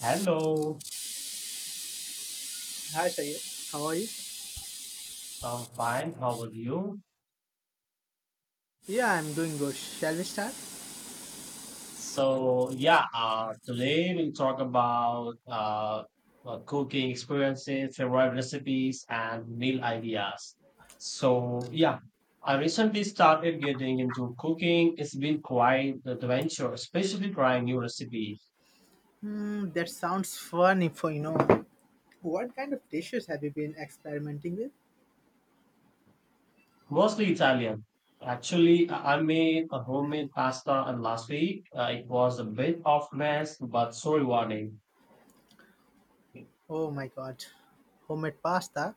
Hello, Hi Sayed, how are you? I'm fine. How are you? Yeah, I'm doing good. Shall we start? Today we'll talk about cooking experiences, favorite recipes, and meal ideas. So, yeah, I recently started getting into cooking. It's been quite an adventure, especially trying new recipes, Hmm, that sounds funny for you know. What kind of dishes have you been experimenting with? mostly Italian. Actually, I made a homemade pasta and last week. It was a bit of mess, but so rewarding. Oh my god, homemade pasta?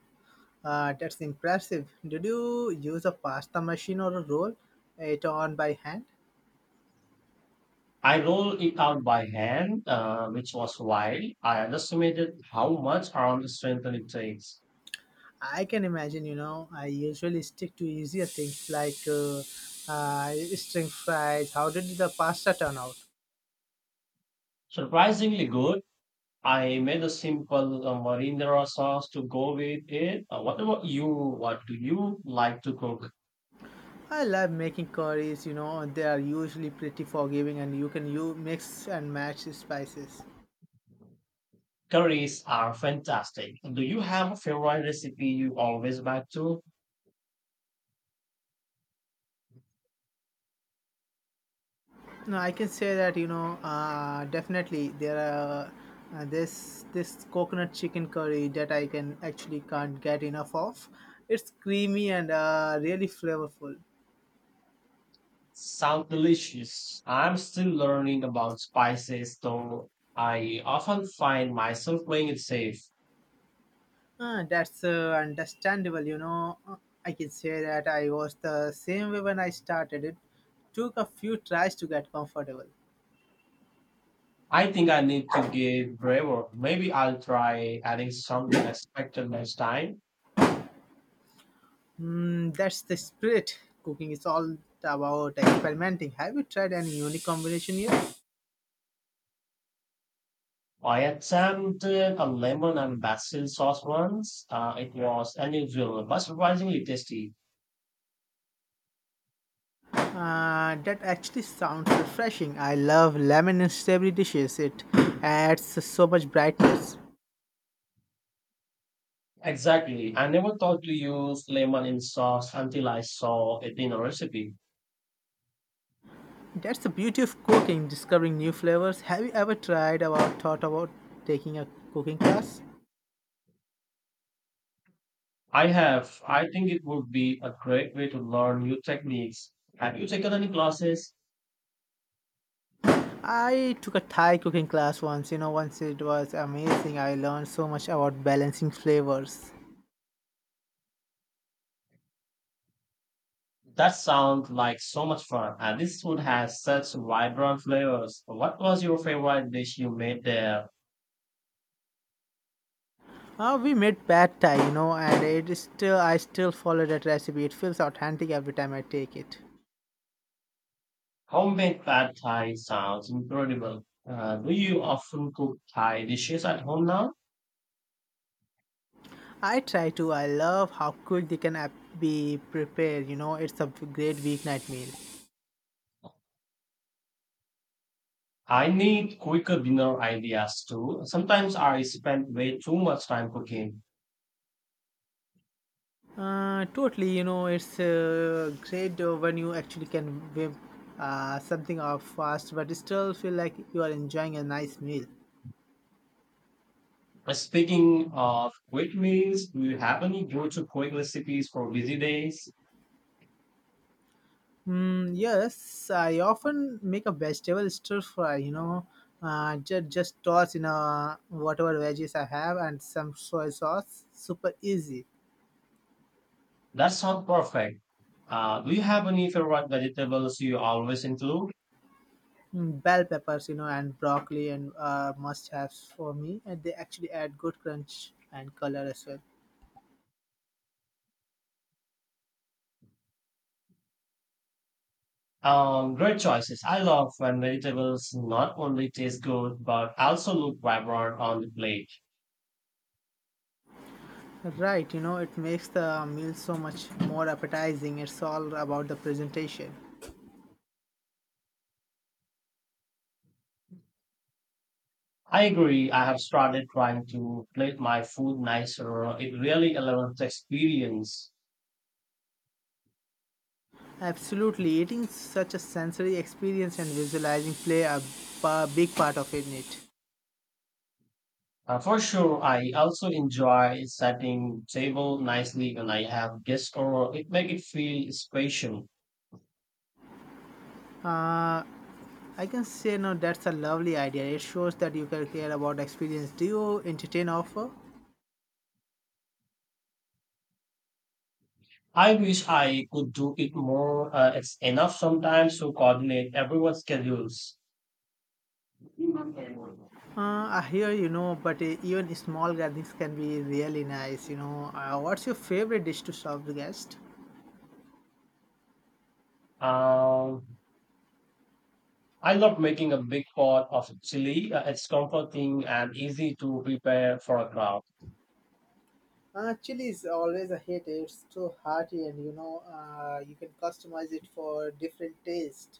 That's impressive. Did you use a pasta machine or a roll? It on by hand? I rolled it out by hand, which was wild. I underestimated how much around the strength it takes. I can imagine, you know, I usually stick to easier things like string fries. How did the pasta turn out? Surprisingly good. I made a simple marinara sauce to go with it. What about you? What do you like to cook? I love making curries, you know, they are usually pretty forgiving and you can you mix and match the spices. Curries are fantastic. Do you have a favorite recipe you always back to? No, I can say that, you know, definitely there are this coconut chicken curry that I can actually can't get enough of. It's creamy and really flavorful. Sound delicious. I'm still learning about spices, though I often find myself playing it safe. That's understandable, you know. I can say that I was the same way when I started. It took a few tries to get comfortable. I think I need to get braver. Maybe I'll try adding something unexpected next time. Mm, that's the spirit. Cooking is all about experimenting. Have you tried any unique combination yet? I attempted a lemon and basil sauce once. It was unusual but surprisingly tasty. That actually sounds refreshing. I love lemon and savory dishes. It adds so much brightness. Exactly. I never thought to use lemon in sauce until I saw it in a recipe. That's the beauty of cooking, discovering new flavors. Have you ever tried or thought about taking a cooking class? I have. I think it would be a great way to learn new techniques. Have you taken any classes? I took a Thai cooking class once. You know, once it was amazing. I learned so much about balancing flavors. That sounds like so much fun. And this food has such vibrant flavors. What was your favorite dish you made there? We made pad thai, you know, and it is still I still follow that recipe. It feels authentic every time I take it. Homemade pad thai sounds incredible. Do you often cook Thai dishes at home now? I try to. I love how quick they be prepared. You know, it's a great weeknight meal. I need quicker dinner ideas too. Sometimes I spend way too much time cooking. Totally. You know, it's great when you actually can whip something off fast, but still feel like you are enjoying a nice meal. Speaking of quick meals, do you have any go-to quick recipes for busy days? Mm, yes, I often make a vegetable stir fry, you know, just toss in whatever veggies I have and some soy sauce. Super easy. That sounds perfect. Do you have any favorite vegetables you always include? Mm, bell peppers, you know, and broccoli and must haves for me. And they actually add good crunch and color as well. Great choices. I love when vegetables not only taste good but also look vibrant on the plate. Right, you know, it makes the meal so much more appetizing. It's all about the presentation. I agree. I have started trying to plate my food nicer. It really elevates the experience. Absolutely, eating such a sensory experience and visualizing play a big part of it. For sure, I also enjoy setting table nicely when I have guests over. It make it feel special. I can say no, that's a lovely idea. It shows that you can care about experience. Do you entertain offer? I wish I could do it more. It's enough sometimes to coordinate everyone's schedules. I hear you know, but even small gatherings can be really nice. You know, what's your favorite dish to serve the guest? Um, I love making a big pot of chili. It's comforting and easy to prepare for a crowd. Chili is always a hit. It's so hearty, and you know, you can customize it for different taste.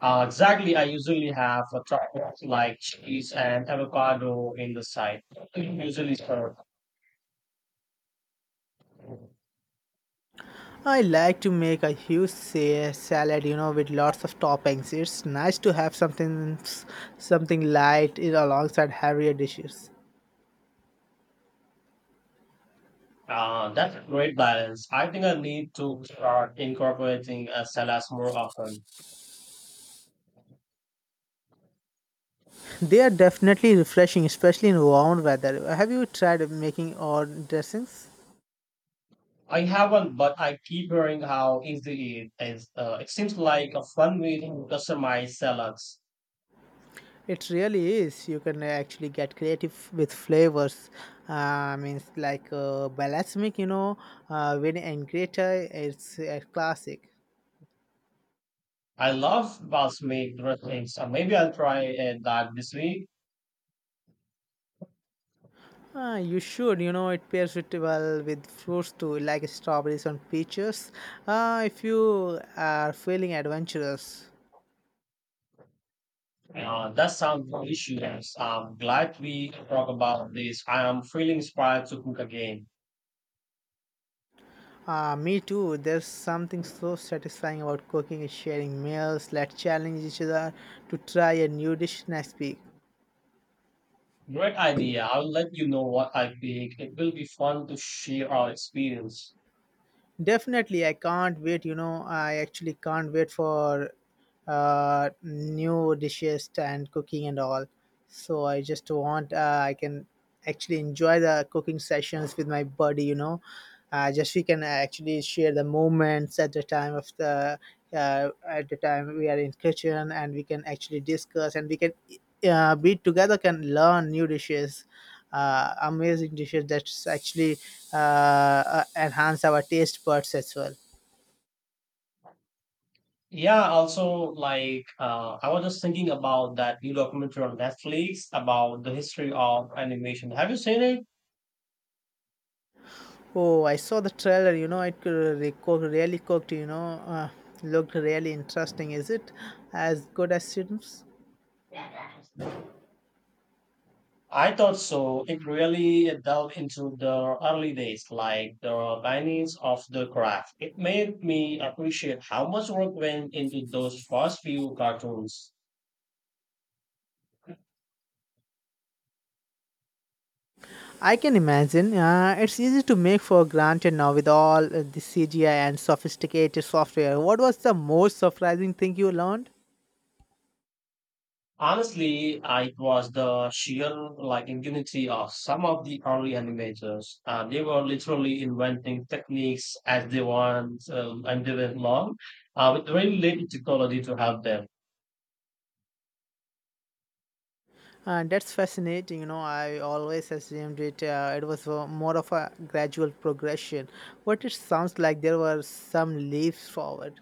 Exactly. I usually have a tripod like cheese and avocado in the side. Usually serve. I like to make a huge salad, you know, with lots of toppings. It's nice to have something light in alongside heavier dishes. That's a great balance. I think I need to start incorporating a salad more often. They are definitely refreshing, especially in warm weather. Have you tried making your dressings? I haven't, but I keep hearing how easy it is. It seems like a fun way to customize salads. It really is. You can actually get creative with flavors. Means like balsamic, you know, with ingrata, it's a classic. I love balsamic dressings. Maybe I'll try that this week. You should, you know, it pairs with well with fruits too, like strawberries and peaches. If you are feeling adventurous. That sounds no issues. I'm glad we talk about this. I am feeling inspired to cook again. Me too. There's something so satisfying about cooking and sharing meals. Let's challenge each other to try a new dish next week. Great idea. I'll let you know what I bake. It will be fun to share our experience. Definitely, I can't wait. You know, I actually can't wait for new dishes and cooking and all. So I just want I can actually enjoy the cooking sessions with my buddy. You know, just we can actually share the moments at the time we are in kitchen and we can actually discuss and we can be together can learn new dishes, amazing dishes that actually enhance our taste buds as well. Yeah, also like I was just thinking about that new documentary on Netflix about the history of animation. Have you seen it? Oh, I saw the trailer. You know, it really cooked. You know, looked really interesting. Is it as good as seems? I thought so. It really delved into the early days, like the beginnings of the craft. It made me appreciate how much work went into those first few cartoons. I can imagine. It's easy to make for granted now with all the CGI and sophisticated software. What was the most surprising thing you learned? Honestly, it was the sheer like ingenuity of some of the early animators. They were literally inventing techniques as they want and they went long with very little technology to help them. That's fascinating. You know, I always assumed it. It was more of a gradual progression, but it sounds like there were some leaps forward.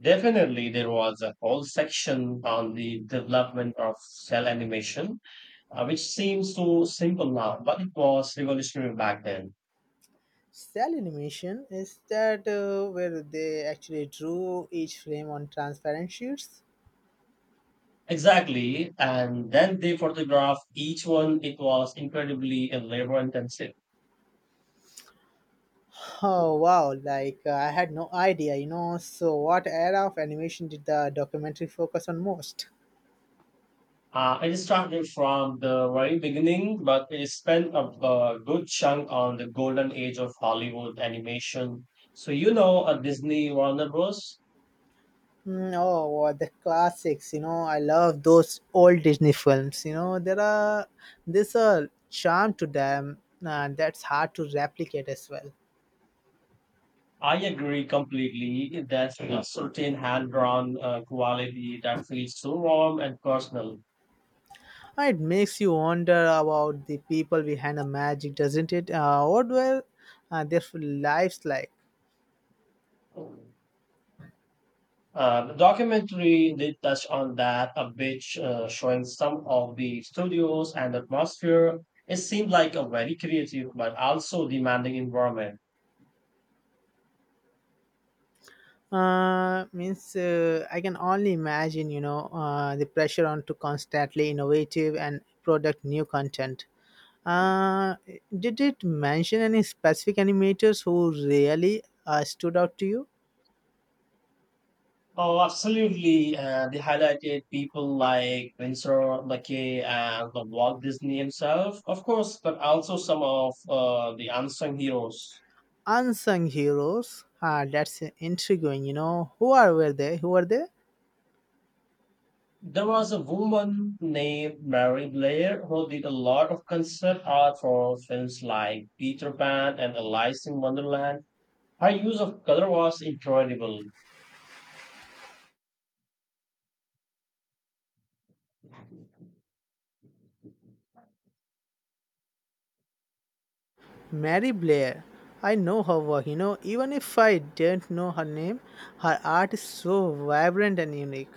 Definitely, there was a whole section on the development of cell animation, which seems so simple now, but it was revolutionary back then. Cell animation is that where they actually drew each frame on transparent sheets. Exactly. And then they photographed each one. It was incredibly labor intensive. Oh wow! Like I had no idea. You know, so what era of animation did the documentary focus on most? I started from the very beginning, but I spent a good chunk on the golden age of Hollywood animation. So, you know, Disney, Warner Bros. Mm, oh, what the classics! You know, I love those old Disney films. You know, there's a charm to them that's hard to replicate as well. I agree completely. There's a certain hand drawn quality that feels so warm and personal. It makes you wonder about the people behind the magic, doesn't it? What were their lives like? The documentary did touch on that a bit, showing some of the studios and atmosphere. It seemed like a very creative but also demanding environment. Means I can only imagine, you know, the pressure on to constantly innovative and product new content. Uh, did it mention any specific animators who really stood out to you? Oh, absolutely. They highlighted people like Winsor Luckey and the Walt Disney himself, of course, but also some of the unsung heroes. Unsung heroes. Ah, that's intriguing. You know, who are were they? Who are they? There was a woman named Mary Blair who did a lot of concept art for films like Peter Pan and Alice in Wonderland. Her use of color was incredible. Mary Blair. I know her work. You know, even if I didn't know her name, her art is so vibrant and unique.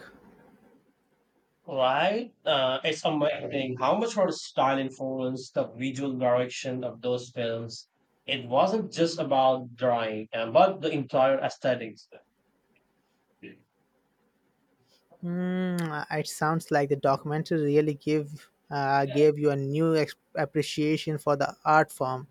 Right? It's amazing how much her style influenced the visual direction of those films. It wasn't just about drawing, but the entire aesthetics. It Mm, it sounds like the documentary really give gave you a new appreciation for the art form.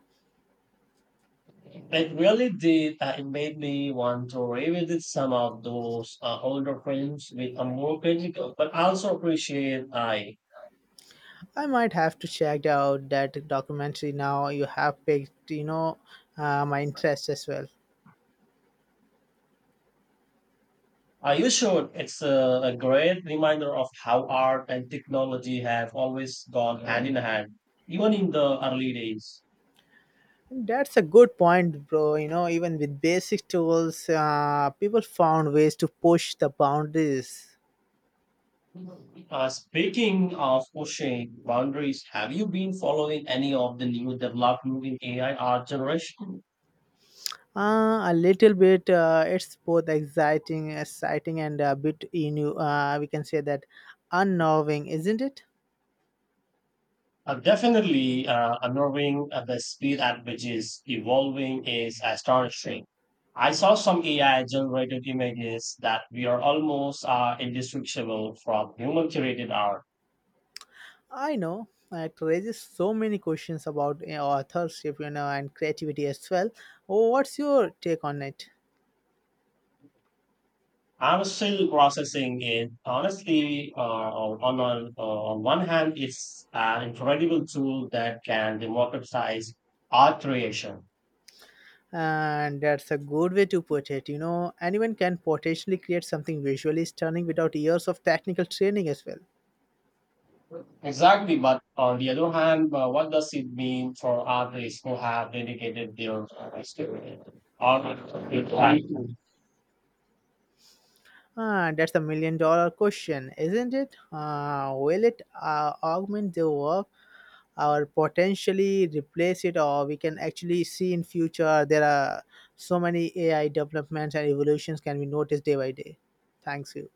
really did. It made me want to revisit some of those older films with a more critical, but also appreciate I. I might have to check out that documentary now. You have picked, you know, my interest as well. You should. It's a great reminder of how art and technology have always gone hand in hand, even in the early days. That's a good point, bro. You know, even with basic tools, people found ways to push the boundaries. Speaking of pushing boundaries, have you been following any of the new development in AI art generation? A little bit. It's both exciting, and a bit new. We can say that unnerving, isn't it? Definitely, unnerving the speed at which is evolving is astonishing. I saw some AI generated images that we are almost indistinguishable from human curated art. I know it raises so many questions about authorship, you know, and creativity as well. Oh, what's your take on it? I'm still processing it. Honestly, on one hand, it's an incredible tool that can democratize art creation. And that's a good way to put it. You know, anyone can potentially create something visually stunning without years of technical training as well. Exactly, but on the other hand, what does it mean for artists who have dedicated their skill or Ah, that's a million dollar question, isn't it? Will it augment the work or potentially replace it, or we can actually see in future there are so many AI developments and evolutions can be noticed day by day. Thanks you.